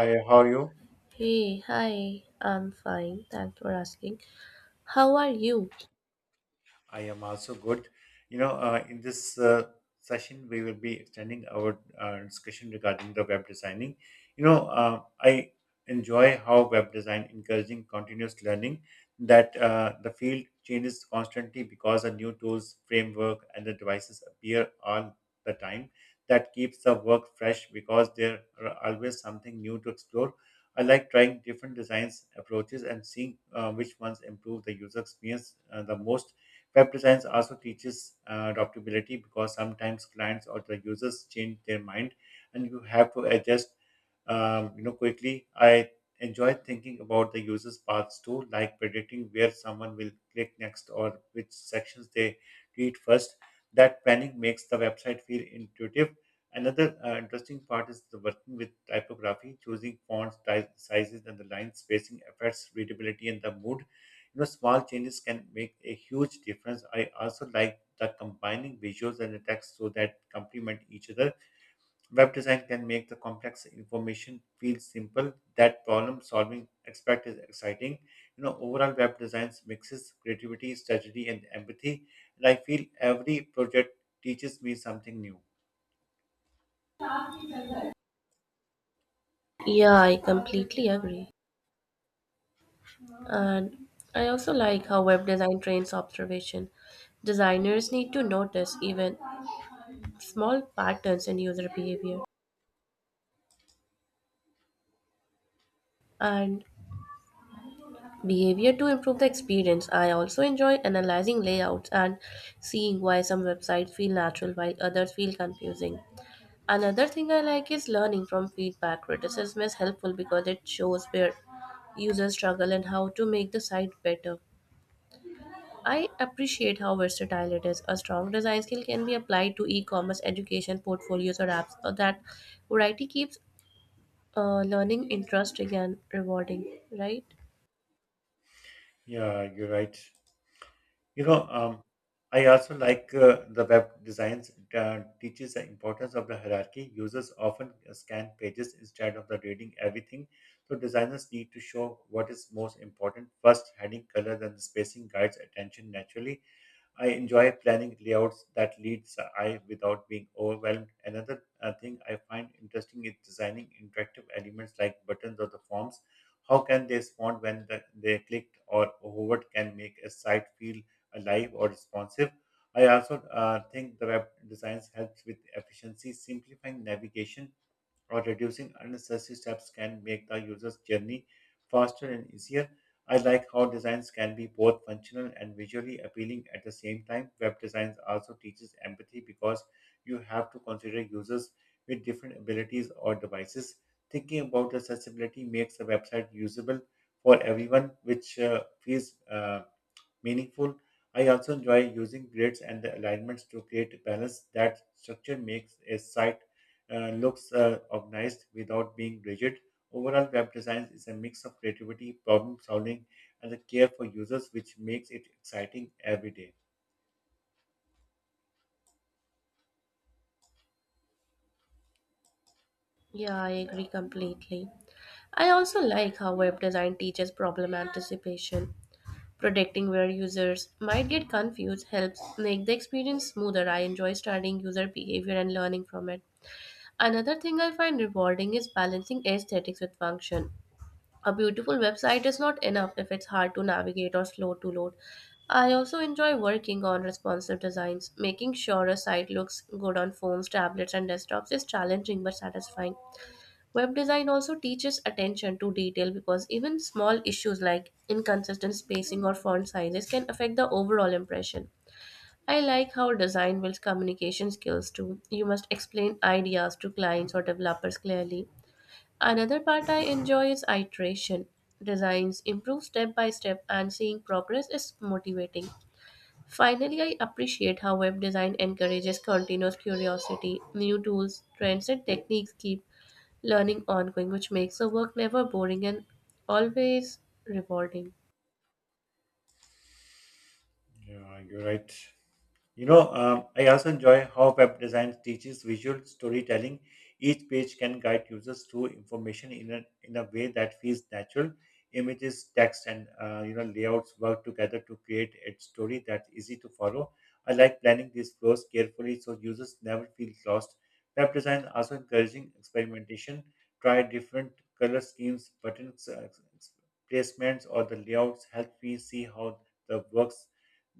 Hi, how are you? Hey, hi, I'm fine. Thanks for asking. How are you? I am also good. In this session, we will be extending our discussion regarding the web designing. I enjoy how web design encouraging continuous learning that the field changes constantly because the new tools, framework, and the devices appear all the time. That keeps the work fresh because there are always something new to explore. I like trying different designs approaches and seeing which ones improve the user experience the most. Web design also teaches adaptability because sometimes clients or the users change their mind and you have to adjust you know quickly. I enjoy thinking about the users' paths too, like predicting where someone will click next or which sections they read first. That planning makes the website feel intuitive. Another interesting part is the working with typography. Choosing fonts, type sizes, and the line spacing affects readability and the mood. You know, small changes can make a huge difference. I also like the combining visuals and the text so that complement each other. Web design can make the complex information feel simple. That problem solving aspect is exciting. You know, overall web design mixes creativity, strategy, and empathy. And I feel every project teaches me something new. Yeah, I completely agree. And I also like how web design trains observation. Designers need to notice even small patterns in user behavior and behavior to improve the experience. I also enjoy analyzing layouts and seeing why some websites feel natural while others feel confusing. Another thing I like is learning from feedback. Criticism is helpful because it shows where users struggle and how to make the site better. I appreciate how versatile it is. A strong design skill can be applied to e-commerce, education, portfolios, or apps. That variety keeps learning interesting and rewarding, right? Yeah, you're right. You know, um, I also like the web designs teaches the importance of the hierarchy. Users often scan pages instead of the reading everything. So designers need to show what is most important first. Heading, color, then the spacing guides attention naturally. I enjoy planning layouts that leads I without being overwhelmed. Another thing I find interesting is designing interactive elements like buttons or the forms. How can they respond when they clicked or hovered can make a site feel alive or responsive? I also think the web designs helps with efficiency. Simplifying navigation or reducing unnecessary steps can make the user's journey faster and easier. I like how designs can be both functional and visually appealing at the same time. Web designs also teaches empathy because you have to consider users with different abilities or devices. Thinking about accessibility makes a website usable for everyone, which feels meaningful. I also enjoy using grids and the alignments to create balance. That structure makes a site looks organized without being rigid. Overall, web design is a mix of creativity, problem solving, and the care for users, which makes it exciting every day. Yeah, I agree completely. I also like how web design teaches problem anticipation. Protecting where users might get confused helps make the experience smoother. I enjoy studying user behavior and learning from it. Another thing I find rewarding is balancing aesthetics with function. A beautiful website is not enough if it's hard to navigate or slow to load. I also enjoy working on responsive designs. Making sure a site looks good on phones, tablets, and desktops is challenging but satisfying. Web design also teaches attention to detail because even small issues like inconsistent spacing or font sizes can affect the overall impression. I like how design builds communication skills too. You must explain ideas to clients or developers clearly. Another part I enjoy is iteration. Designs improve step by step, and seeing progress is motivating. Finally, I appreciate how web design encourages continuous curiosity. New tools, trends, and techniques keep learning ongoing, which makes the work never boring and always rewarding. Yeah, you're right. I also enjoy how web design teaches visual storytelling. Each page can guide users through information in in a way that feels natural. Images, text, and you know layouts work together to create a story that's easy to follow. I like planning these flows carefully so users never feel lost. Web design also encouraging experimentation. Try different color schemes, buttons, placements, or the layouts. Help me see how the works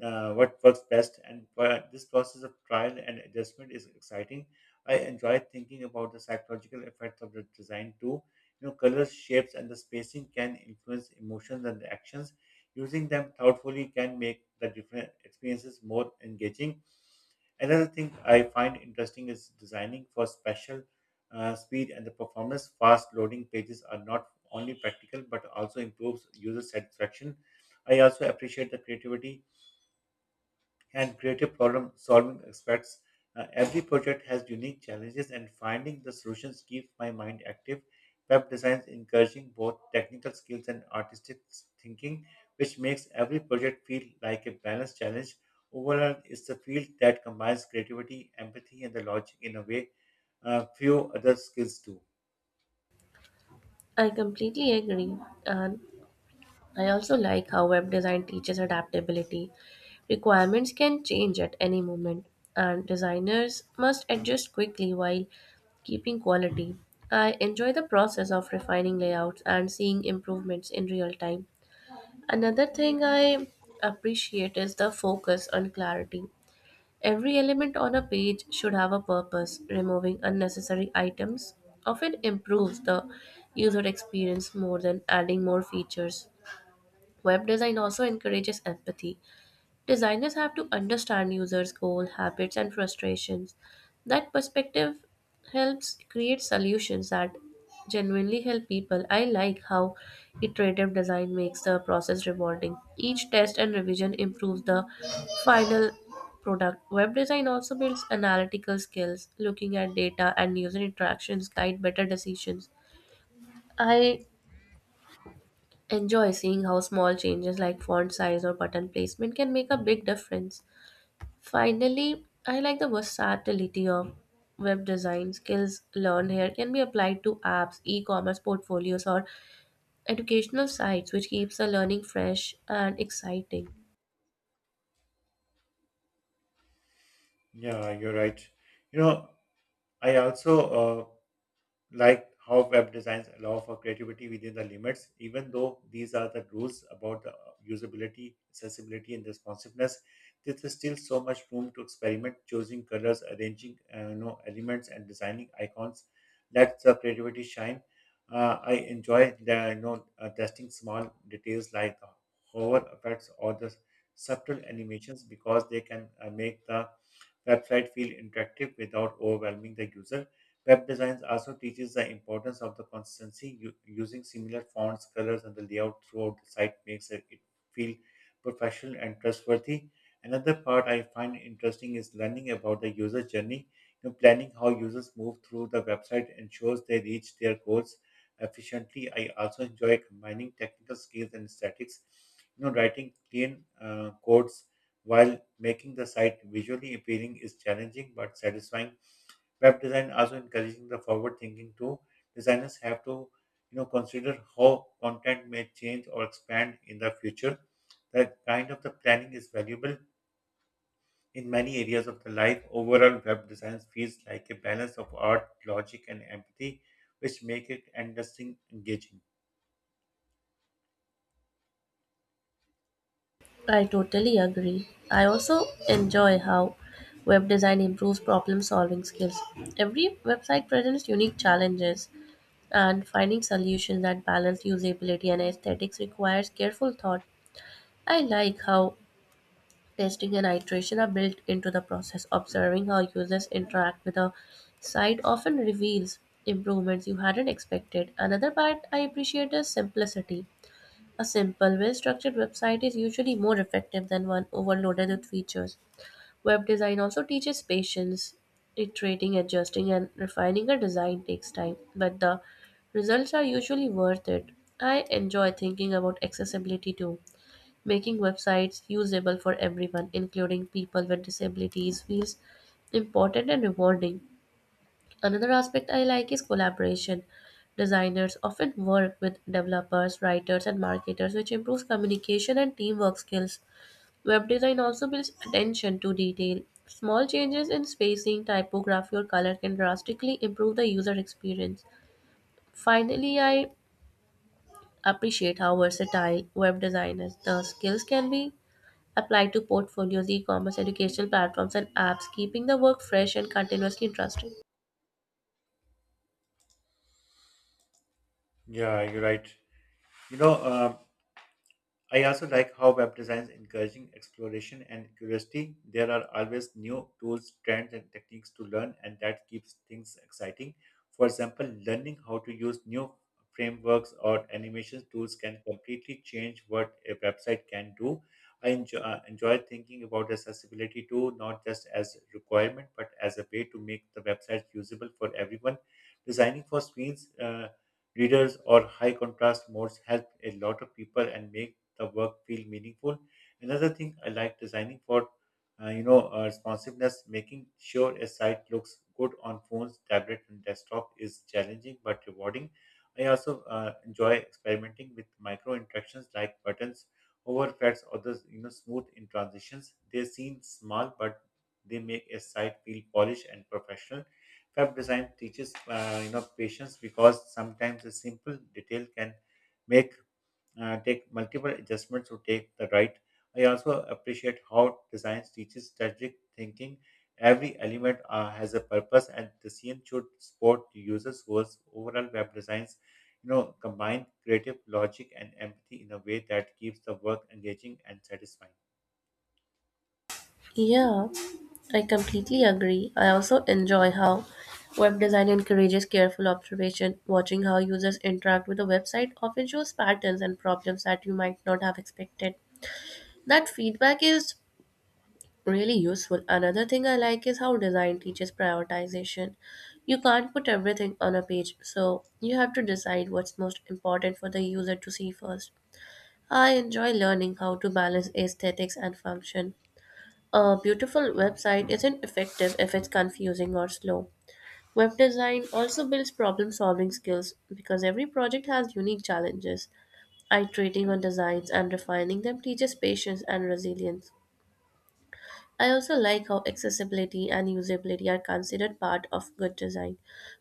what works best. And this process of trial and adjustment is exciting. I enjoy thinking about the psychological effects of the design too. You know, colors, shapes, and the spacing can influence emotions and actions. Using them thoughtfully can make the different experiences more engaging. Another thing I find interesting is designing for special speed and the performance. Fast loading pages are not only practical but also improves user satisfaction. I also appreciate the creativity and creative problem solving aspects. Every project has unique challenges, and finding the solutions keeps my mind active. Web design is encouraging both technical skills and artistic thinking, which makes every project feel like a balanced challenge. Overall, it's a field that combines creativity, empathy, and the logic in a way few other skills do. I completely agree, and I also like how web design teaches adaptability. Requirements can change at any moment, and designers must adjust quickly while keeping quality. I enjoy the process of refining layouts and seeing improvements in real time. Another thing I appreciate is the focus on clarity. Every element on a page should have a purpose. Removing unnecessary items often improves the user experience more than adding more features. Web design also encourages empathy. Designers have to understand users' goals, habits, and frustrations. That perspective helps create solutions that genuinely help people. I like how iterative design makes the process rewarding. Each test and revision improves the final product. Web design also builds analytical skills, looking at data and user interactions guide better decisions. I enjoy seeing how small changes like font size or button placement can make a big difference. Finally, I like the versatility of web design skills learned here can be applied to apps, e-commerce portfolios or educational sites which keeps the learning fresh and exciting. Yeah, you're right. You know, I also like how web designs allow for creativity within the limits. Even though these are the rules about the usability, accessibility, and responsiveness, there is still so much room to experiment, choosing colors, arranging you know, elements, and designing icons. Let the creativity shine. I enjoy testing small details like the hover effects or the subtle animations because they can make the website feel interactive without overwhelming the user. Web design also teaches the importance of the consistency. Using similar fonts, colors, and the layout throughout the site makes it feel professional and trustworthy. Another part I find interesting is learning about the user journey. You know, planning how users move through the website ensures they reach their goals efficiently. I also enjoy combining technical skills and aesthetics. You know, writing clean codes while making the site visually appealing is challenging but satisfying. Web design also encouraging the forward thinking too. Designers have to you know consider how content may change or expand in the future. That kind of the planning is valuable in many areas of the life. Overall, web design feels like a balance of art, logic, and empathy, which make it interesting, engaging. I totally agree. I also enjoy how web design improves problem solving skills. Every website presents unique challenges and finding solutions that balance usability and aesthetics requires careful thought. I like how testing and iteration are built into the process. Observing how users interact with a site often reveals improvements you hadn't expected. Another part I appreciate is simplicity. A simple, well structured website is usually more effective than one overloaded with features. Web design also teaches patience. Iterating, adjusting, and refining a design takes time, but the results are usually worth it. I enjoy thinking about accessibility too, making websites usable for everyone, including people with disabilities, feels important and rewarding. Another aspect I like is collaboration. Designers often work with developers, writers, and marketers, which improves communication and teamwork skills. Web design also builds attention to detail. Small changes in spacing, typography, or color can drastically improve the user experience. Finally, I appreciate how versatile web design is. The skills can be apply to portfolios, e commerce, educational platforms, and apps, keeping the work fresh and continuously interesting. Yeah, you're right. You know, um, I also like how web design is encouraging exploration and curiosity. There are always new tools, trends, and techniques to learn, and that keeps things exciting. For example, learning how to use new frameworks or animation tools can completely change what a website can do. I enjoy, enjoy thinking about accessibility too, not just as a requirement, but as a way to make the website usable for everyone. Designing for screens, readers, or high contrast modes help a lot of people and make the work feel meaningful. Another thing I like designing for, responsiveness, making sure a site looks good on phones, tablet, and desktop is challenging but rewarding. I also enjoy experimenting with micro interactions like buttons, over effects, or the you know smooth in transitions. They seem small, but they make a site feel polished and professional. Web design teaches you know patience because sometimes a simple detail can make take multiple adjustments to take the right. I also appreciate how design teaches strategic thinking. Every element has a purpose, and the scene should support the user's goals. Overall, web designs, you know, combine creative logic and empathy in a way that keeps the work engaging and satisfying. Yeah, I completely agree. I also enjoy how web design encourages careful observation. Watching how users interact with a website often shows patterns and problems that you might not have expected. That feedback is really useful. Another thing I like is how design teaches prioritization. You can't put everything on a page, so you have to decide what's most important for the user to see first. I enjoy learning how to balance aesthetics and function. A beautiful website isn't effective if it's confusing or slow. Web design also builds problem solving skills because every project has unique challenges. Iterating on designs and refining them teaches patience and resilience. I also like how accessibility and usability are considered part of good design,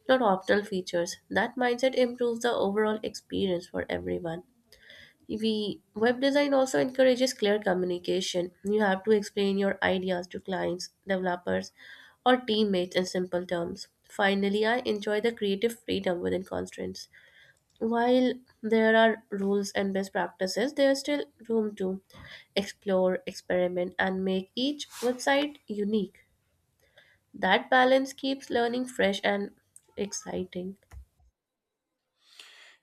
not optional features. That mindset improves the overall experience for everyone. We web design also encourages clear communication. You have to explain your ideas to clients, developers, or teammates in simple terms. Finally, I enjoy the creative freedom within constraints. While there are rules and best practices, there's still room to explore, experiment, and make each website unique. That balance keeps learning fresh and exciting.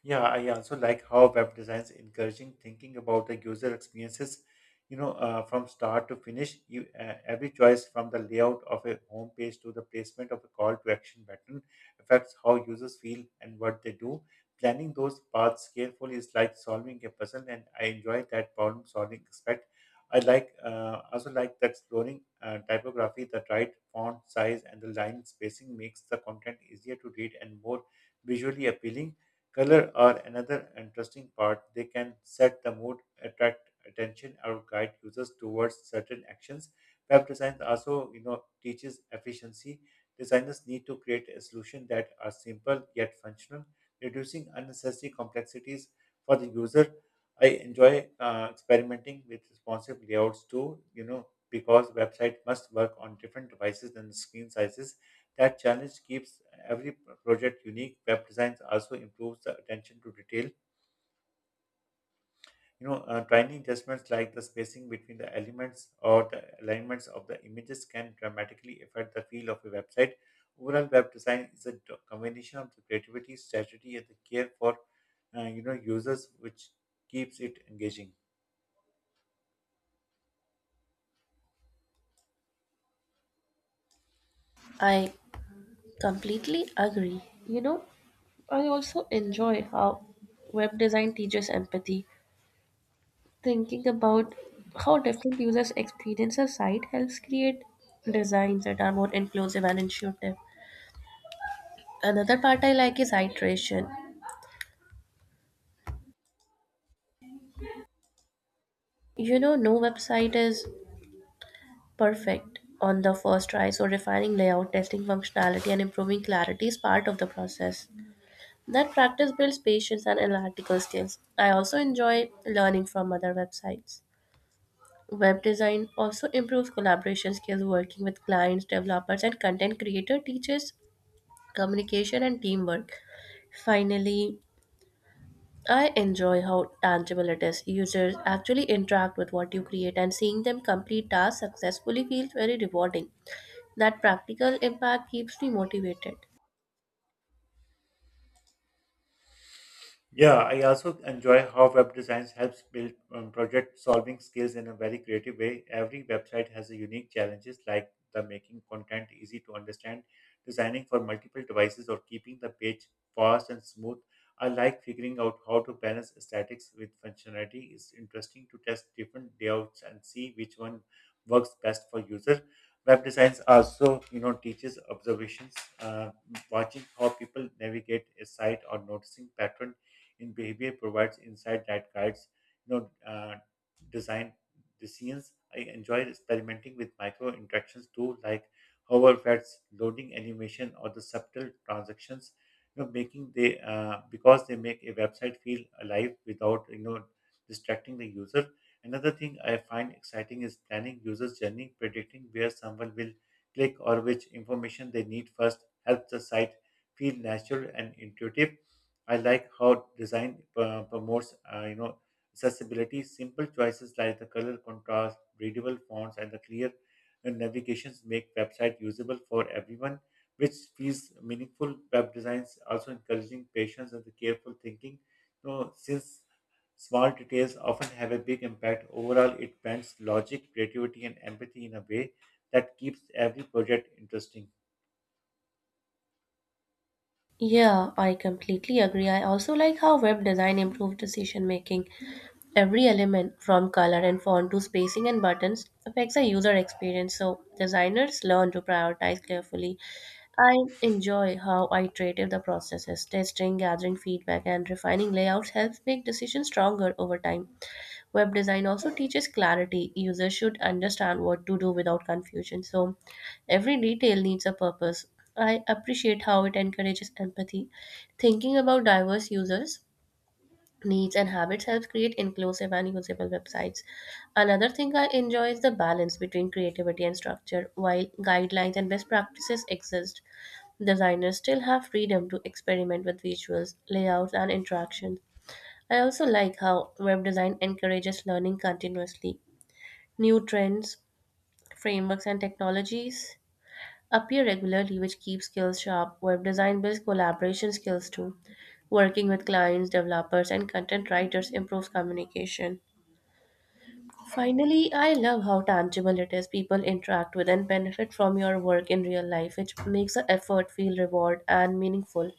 Yeah, I also like how web design is encouraging thinking about the user experiences, you know, from start to finish. Every choice from the layout of a home page to the placement of a call to action button affects how users feel and what they do. Planning those paths carefully is like solving a puzzle, and I enjoy that problem solving aspect. I like also like the exploring typography. The right font size, and the line spacing makes the content easier to read and more visually appealing. Color are another interesting part. They can set the mood, attract attention, or guide users towards certain actions. Web design also, you know, teaches efficiency. Designers need to create a solution that are simple yet functional, reducing unnecessary complexities for the user. I enjoy experimenting with responsive layouts too, you know, because website must work on different devices and screen sizes. That challenge keeps every project unique. Web designs also improves the attention to detail. Tiny adjustments like the spacing between the elements or the alignments of the images can dramatically affect the feel of a website. Overall, web design is a combination of the creativity, strategy, and the care for users, which keeps it engaging. I completely agree, you know. I also enjoy how web design teaches empathy. Thinking about how different users experience a site helps create designs that are more inclusive and intuitive. Another part I like is iteration. No website is perfect on the first try, so refining layout, testing functionality, and improving clarity is part of the process. That practice builds patience and analytical skills. I also enjoy learning from other websites. Web design also improves collaboration skills working with clients, developers, and content creator teaches communication and teamwork. Finally, I enjoy how tangible it is. Users actually interact with what you create, and seeing them complete tasks successfully feels very rewarding. That practical impact keeps me motivated. Yeah, I also enjoy how web design helps build project solving skills in a very creative way. Every website has a unique challenges like the making content easy to understand, designing for multiple devices or keeping the page fast and smooth. I like figuring out how to balance aesthetics with functionality. It's interesting to test different layouts and see which one works best for user. Web design also, you know, teaches observations. uh, Watching how people navigate a site or noticing patterns in behavior provides insight that guides, you know, uh, design decisions. I enjoy experimenting with micro interactions too, like hover effects, loading animation, or the subtle transactions. You know, making they Because they make a website feel alive without you know distracting the user. Another thing I find exciting is planning users' journey. Predicting where someone will click or which information they need first helps the site feel natural and intuitive. I like how design promotes, accessibility. Simple choices like the color contrast, readable fonts, and the clear navigations make website usable for everyone, which feels meaningful. Web designs also encouraging patience and the careful thinking. You know, since small details often have a big impact, overall it blends logic, creativity, and empathy in a way that keeps every project interesting. Yeah, I completely agree. I also like how web design improved decision making. Every element, from color and font to spacing and buttons, affects the user experience, so designers learn to prioritize carefully. I enjoy how iterative the process is. Testing, gathering feedback, and refining layouts helps make decisions stronger over time. Web design also teaches clarity. Users should understand what to do without confusion. So every detail needs a purpose. I appreciate how it encourages empathy. Thinking about diverse users' needs and habits helps create inclusive and usable websites. Another thing I enjoy is the balance between creativity and structure. While guidelines and best practices exist, designers still have freedom to experiment with visuals, layouts, and interactions. I also like how web design encourages learning continuously. New trends, frameworks, and technologies appear regularly, which keeps skills sharp. Web design builds collaboration skills too. Working with clients, developers, and content writers improves communication. Finally, I love how tangible it is. People interact with and benefit from your work in real life, which makes the effort feel reward and meaningful.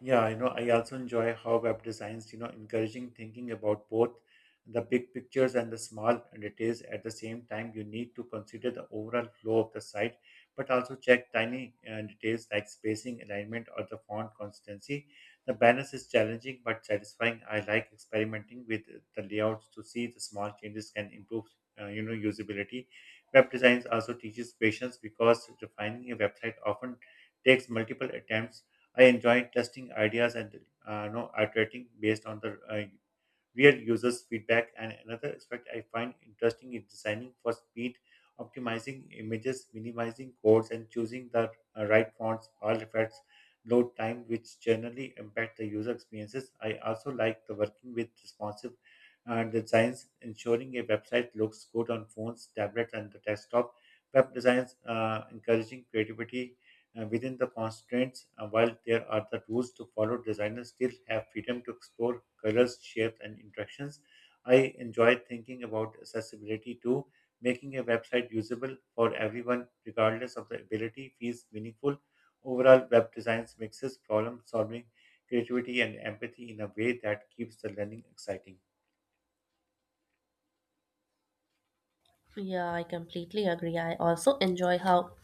Yeah, you know, I also enjoy how web designs, encouraging thinking about both the big pictures and the small details at the same time. You need to consider the overall flow of the site, but also check tiny details like spacing, alignment, or the font consistency. The balance is challenging but satisfying. I like experimenting with the layouts to see the small changes can improve, usability. Web designs also teaches patience because refining a website often takes multiple attempts. I enjoy testing ideas and iterating based on the real users feedback. And another aspect I find interesting is designing for speed, optimizing images, minimizing codes, and choosing the right fonts all affects load time, which generally impact the user experiences. I also like the working with responsive and designs, ensuring a website looks good on phones, tablets, and the desktop. Web designs encouraging creativity within the constraints. While there are the rules to follow, designers still have freedom to explore colors, shape, and interactions. I enjoy thinking about accessibility too. Making a website usable for everyone, regardless of the ability, feels meaningful. Overall, web design mixes problem solving, creativity, and empathy in a way that keeps the learning exciting. Yeah, I completely agree. I also enjoy how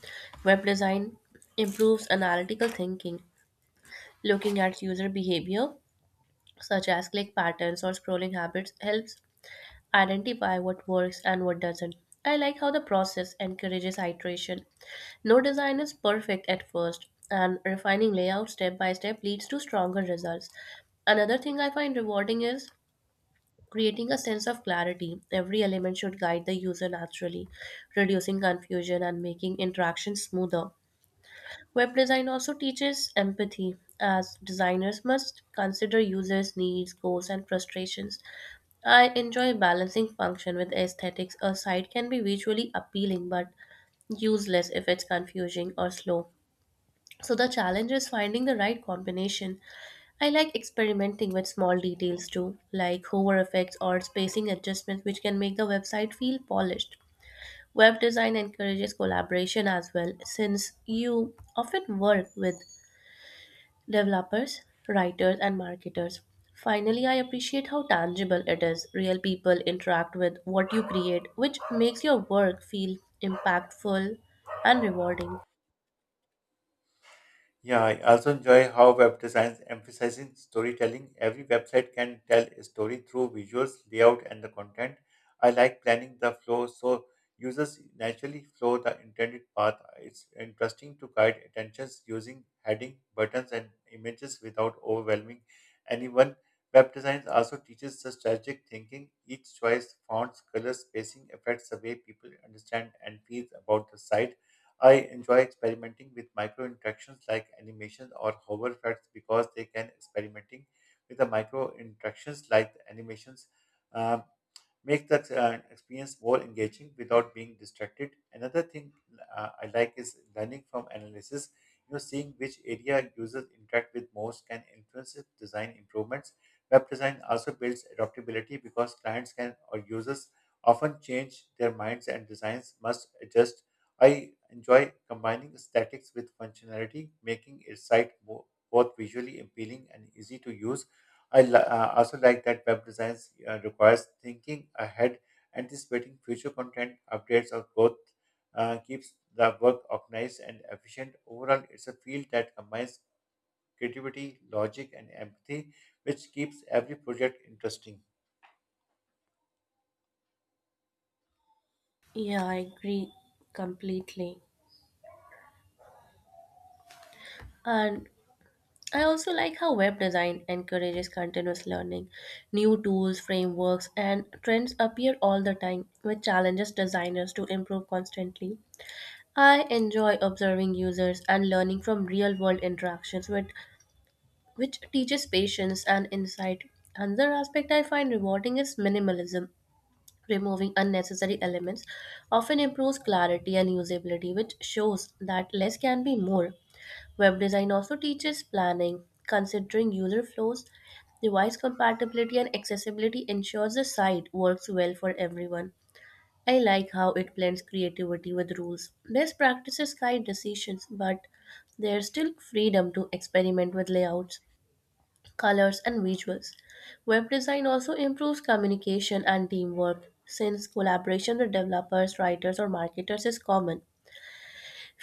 web design improves analytical thinking. Looking at user behavior, such as click patterns or scrolling habits, helps identify what works and what doesn't. I like how the process encourages iteration. No design is perfect at first, and refining layout step by step leads to stronger results. Another thing I find rewarding is creating a sense of clarity. Every element should guide the user naturally, reducing confusion and making interaction smoother. Web design also teaches empathy, as designers must consider users' needs, goals, and frustrations. I enjoy balancing function with aesthetics. A site can be visually appealing but useless if it's confusing or slow. So the challenge is finding the right combination. I like experimenting with small details too, like hover effects or spacing adjustments, which can make the website feel polished. Web design encourages collaboration as well, since you often work with developers, writers, and marketers. Finally, I appreciate how tangible it is. Real people interact with what you create, which makes your work feel impactful and rewarding. Yeah, I also enjoy how web design emphasizing storytelling. Every website can tell a story through visuals, layout, and the content. I like planning the flow so users naturally flow the intended path. It's interesting to guide attentions using heading, buttons, and images without overwhelming anyone. Web design also teaches the strategic thinking. Each choice, fonts, color, spacing affects the way people understand and feel about the site. I enjoy experimenting with micro interactions like animations or hover effects because they can experimenting with the micro interactions like the animations, uh, make the experience more engaging without being distracted. Another thing I like is learning from analysis. You know, seeing which area users interact with most can influence its design improvements. Web design also builds adaptability because clients can or users often change their minds and designs must adjust. I enjoy combining aesthetics with functionality, making a site both visually appealing and easy to use. I also like that web design requires thinking ahead, anticipating future content, updates, or growth. Keeps the work organized and efficient. Overall, it's a field that combines creativity, logic, and empathy, which keeps every project interesting. Yeah, I agree completely. And I also like how web design encourages continuous learning. New tools, frameworks, and trends appear all the time, which challenges designers to improve constantly. I enjoy observing users and learning from real world interactions, which teaches patience and insight. Another aspect I find rewarding is minimalism. Removing unnecessary elements often improves clarity and usability, which shows that less can be more. Web design also teaches planning, considering user flows, device compatibility, and accessibility ensures the site works well for everyone. I like how it blends creativity with rules. Best practices guide decisions, but there's still freedom to experiment with layouts, colors, and visuals. Web design also improves communication and teamwork since collaboration with developers, writers, or marketers is common.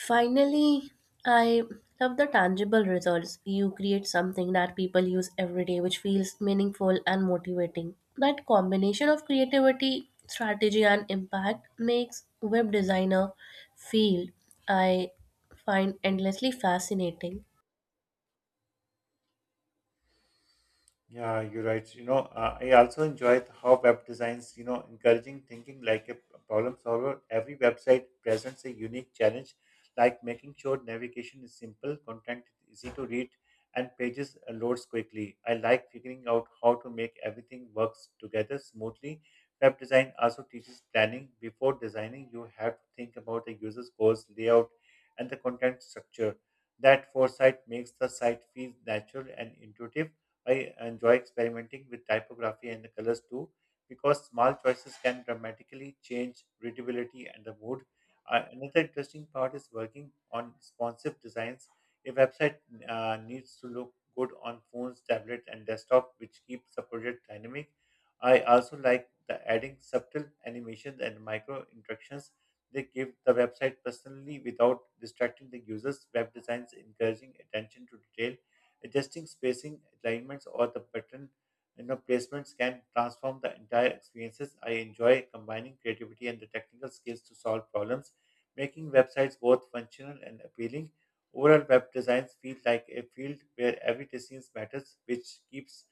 Finally, I love the tangible results. You create something that people use every day, which feels meaningful and motivating. That combination of creativity, strategy, and impact makes web designer field I find endlessly fascinating. Yeah, you're right. I also enjoyed how web designs, encouraging thinking like a problem solver. Every website presents a unique challenge, like making sure navigation is simple, content is easy to read, and pages loads quickly. I like figuring out how to make everything works together smoothly. Web design also teaches planning. Before designing, you have to think about the user's goals, layout, and the content structure. That foresight makes the site feel natural and intuitive. I enjoy experimenting with typography and the colors too, because small choices can dramatically change readability and the mood. Another interesting part is working on responsive designs. A website needs to look good on phones, tablet, and desktop, which keeps the project dynamic. I also like the adding subtle animations and micro interactions. They give the website personally without distracting the users. Web designs encouraging attention to detail. Adjusting spacing, alignments, or the pattern, placements can transform the entire experiences. I enjoy combining creativity and the technical skills to solve problems, making websites both functional and appealing. Overall, web designs feel like a field where every decision matters, which keeps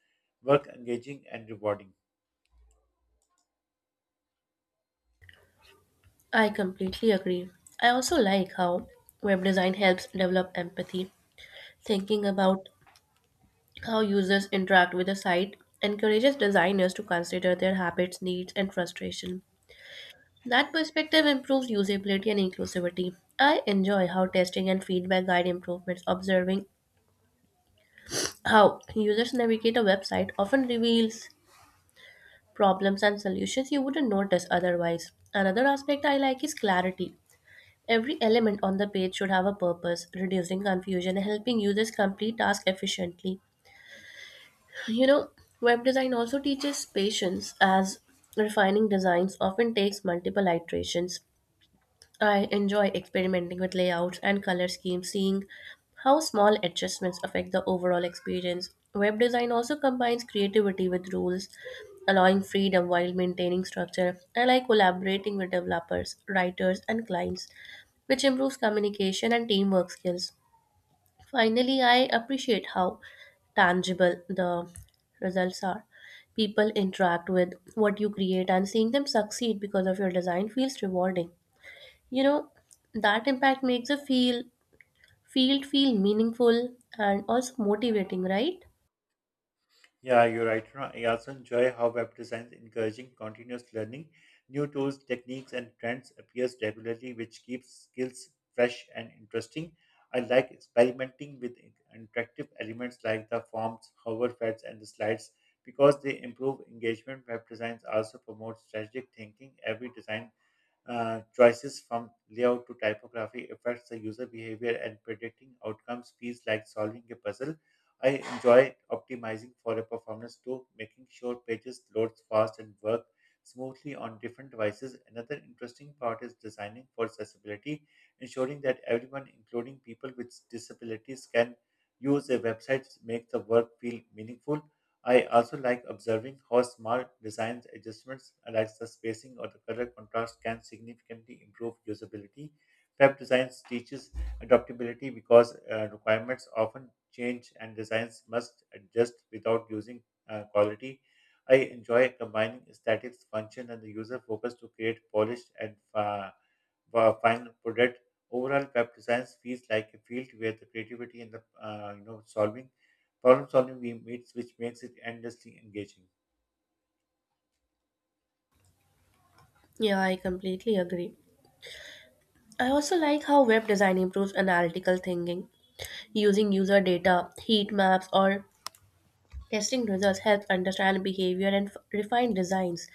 work engaging and rewarding. I completely agree. I also like how web design helps develop empathy. Thinking about how users interact with the site encourages designers to consider their habits, needs, and frustration. That perspective improves usability and inclusivity. I enjoy how testing and feedback guide improvements. Observing how users navigate a website often reveals problems and solutions you wouldn't notice otherwise. Another aspect I like is clarity. Every element on the page should have a purpose, reducing confusion and helping users complete tasks efficiently. You know, web design also teaches patience as refining designs often takes multiple iterations. I enjoy experimenting with layouts and color schemes, seeing how small adjustments affect the overall experience. Web design also combines creativity with rules, allowing freedom while maintaining structure. I like collaborating with developers, writers, and clients, which improves communication and teamwork skills. Finally, I appreciate how tangible the results are. People interact with what you create, and seeing them succeed because of your design feels rewarding. You know, that impact makes a feel field feel meaningful and also motivating, right? Yeah, you're right, Rana. I also enjoy how web design is encouraging continuous learning. New tools, techniques, and trends appears regularly, which keeps skills fresh and interesting. I like experimenting with interactive elements like the forms, hover pads, and the slides because they improve engagement. Web designs also promote strategic thinking. Every design choices from layout to typography affects the user behavior, and predicting outcomes feels like solving a puzzle. I enjoy optimizing for a performance too, making sure pages load fast and work smoothly on different devices. Another interesting part is designing for accessibility, ensuring that everyone, including people with disabilities, can use a website make the work feel meaningful. I also like observing how small design adjustments, like the spacing or the color contrast, can significantly improve usability. Web design teaches adaptability because requirements often change and designs must adjust without using quality. I enjoy combining aesthetics, function, and the user focus to create polished and final product. Overall, web design feels like a field where the creativity and the solving problem solving we meets, which makes it endlessly engaging. Yeah, I completely agree. I also like how web design improves analytical thinking. Using user data, heat maps, or testing results helps understand behavior and refine designs.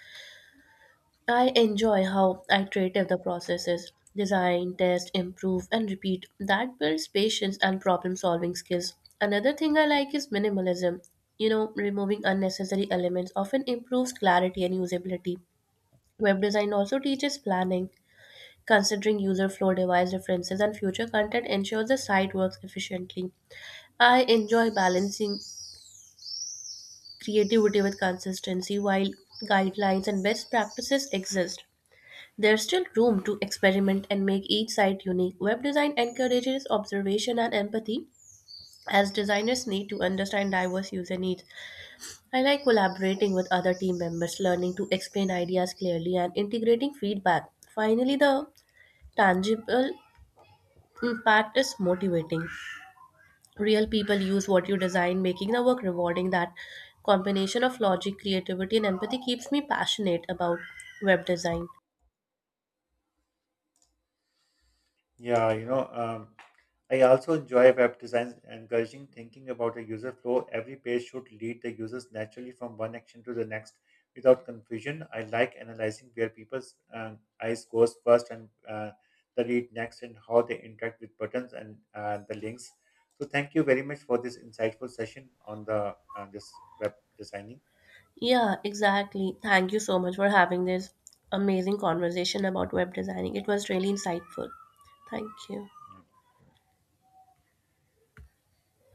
I enjoy how iterative the process is. Design, test, improve, and repeat. That builds patience and problem solving skills. Another thing I like is minimalism. You know, removing unnecessary elements often improves clarity and usability. Web design also teaches planning. Considering user flow device references and future content ensures the site works efficiently. I enjoy balancing creativity with consistency while guidelines and best practices exist. There's still room to experiment and make each site unique. Web design encourages observation and empathy, as designers need to understand diverse user needs. I like collaborating with other team members, learning to explain ideas clearly, and integrating feedback. Finally, the tangible impact is motivating. Real people use what you design, making the work rewarding. That combination of logic, creativity, and empathy keeps me passionate about web design. Yeah, you know. Um, I also enjoy web design, encouraging thinking about a user flow. Every page should lead the users naturally from one action to the next without confusion. I like analyzing where people's eyes goes first and the read next, and how they interact with buttons and the links. So thank you very much for this insightful session on the this web designing. Yeah, exactly. Thank you so much for having this amazing conversation about web designing. It was really insightful. Thank you. Yeah.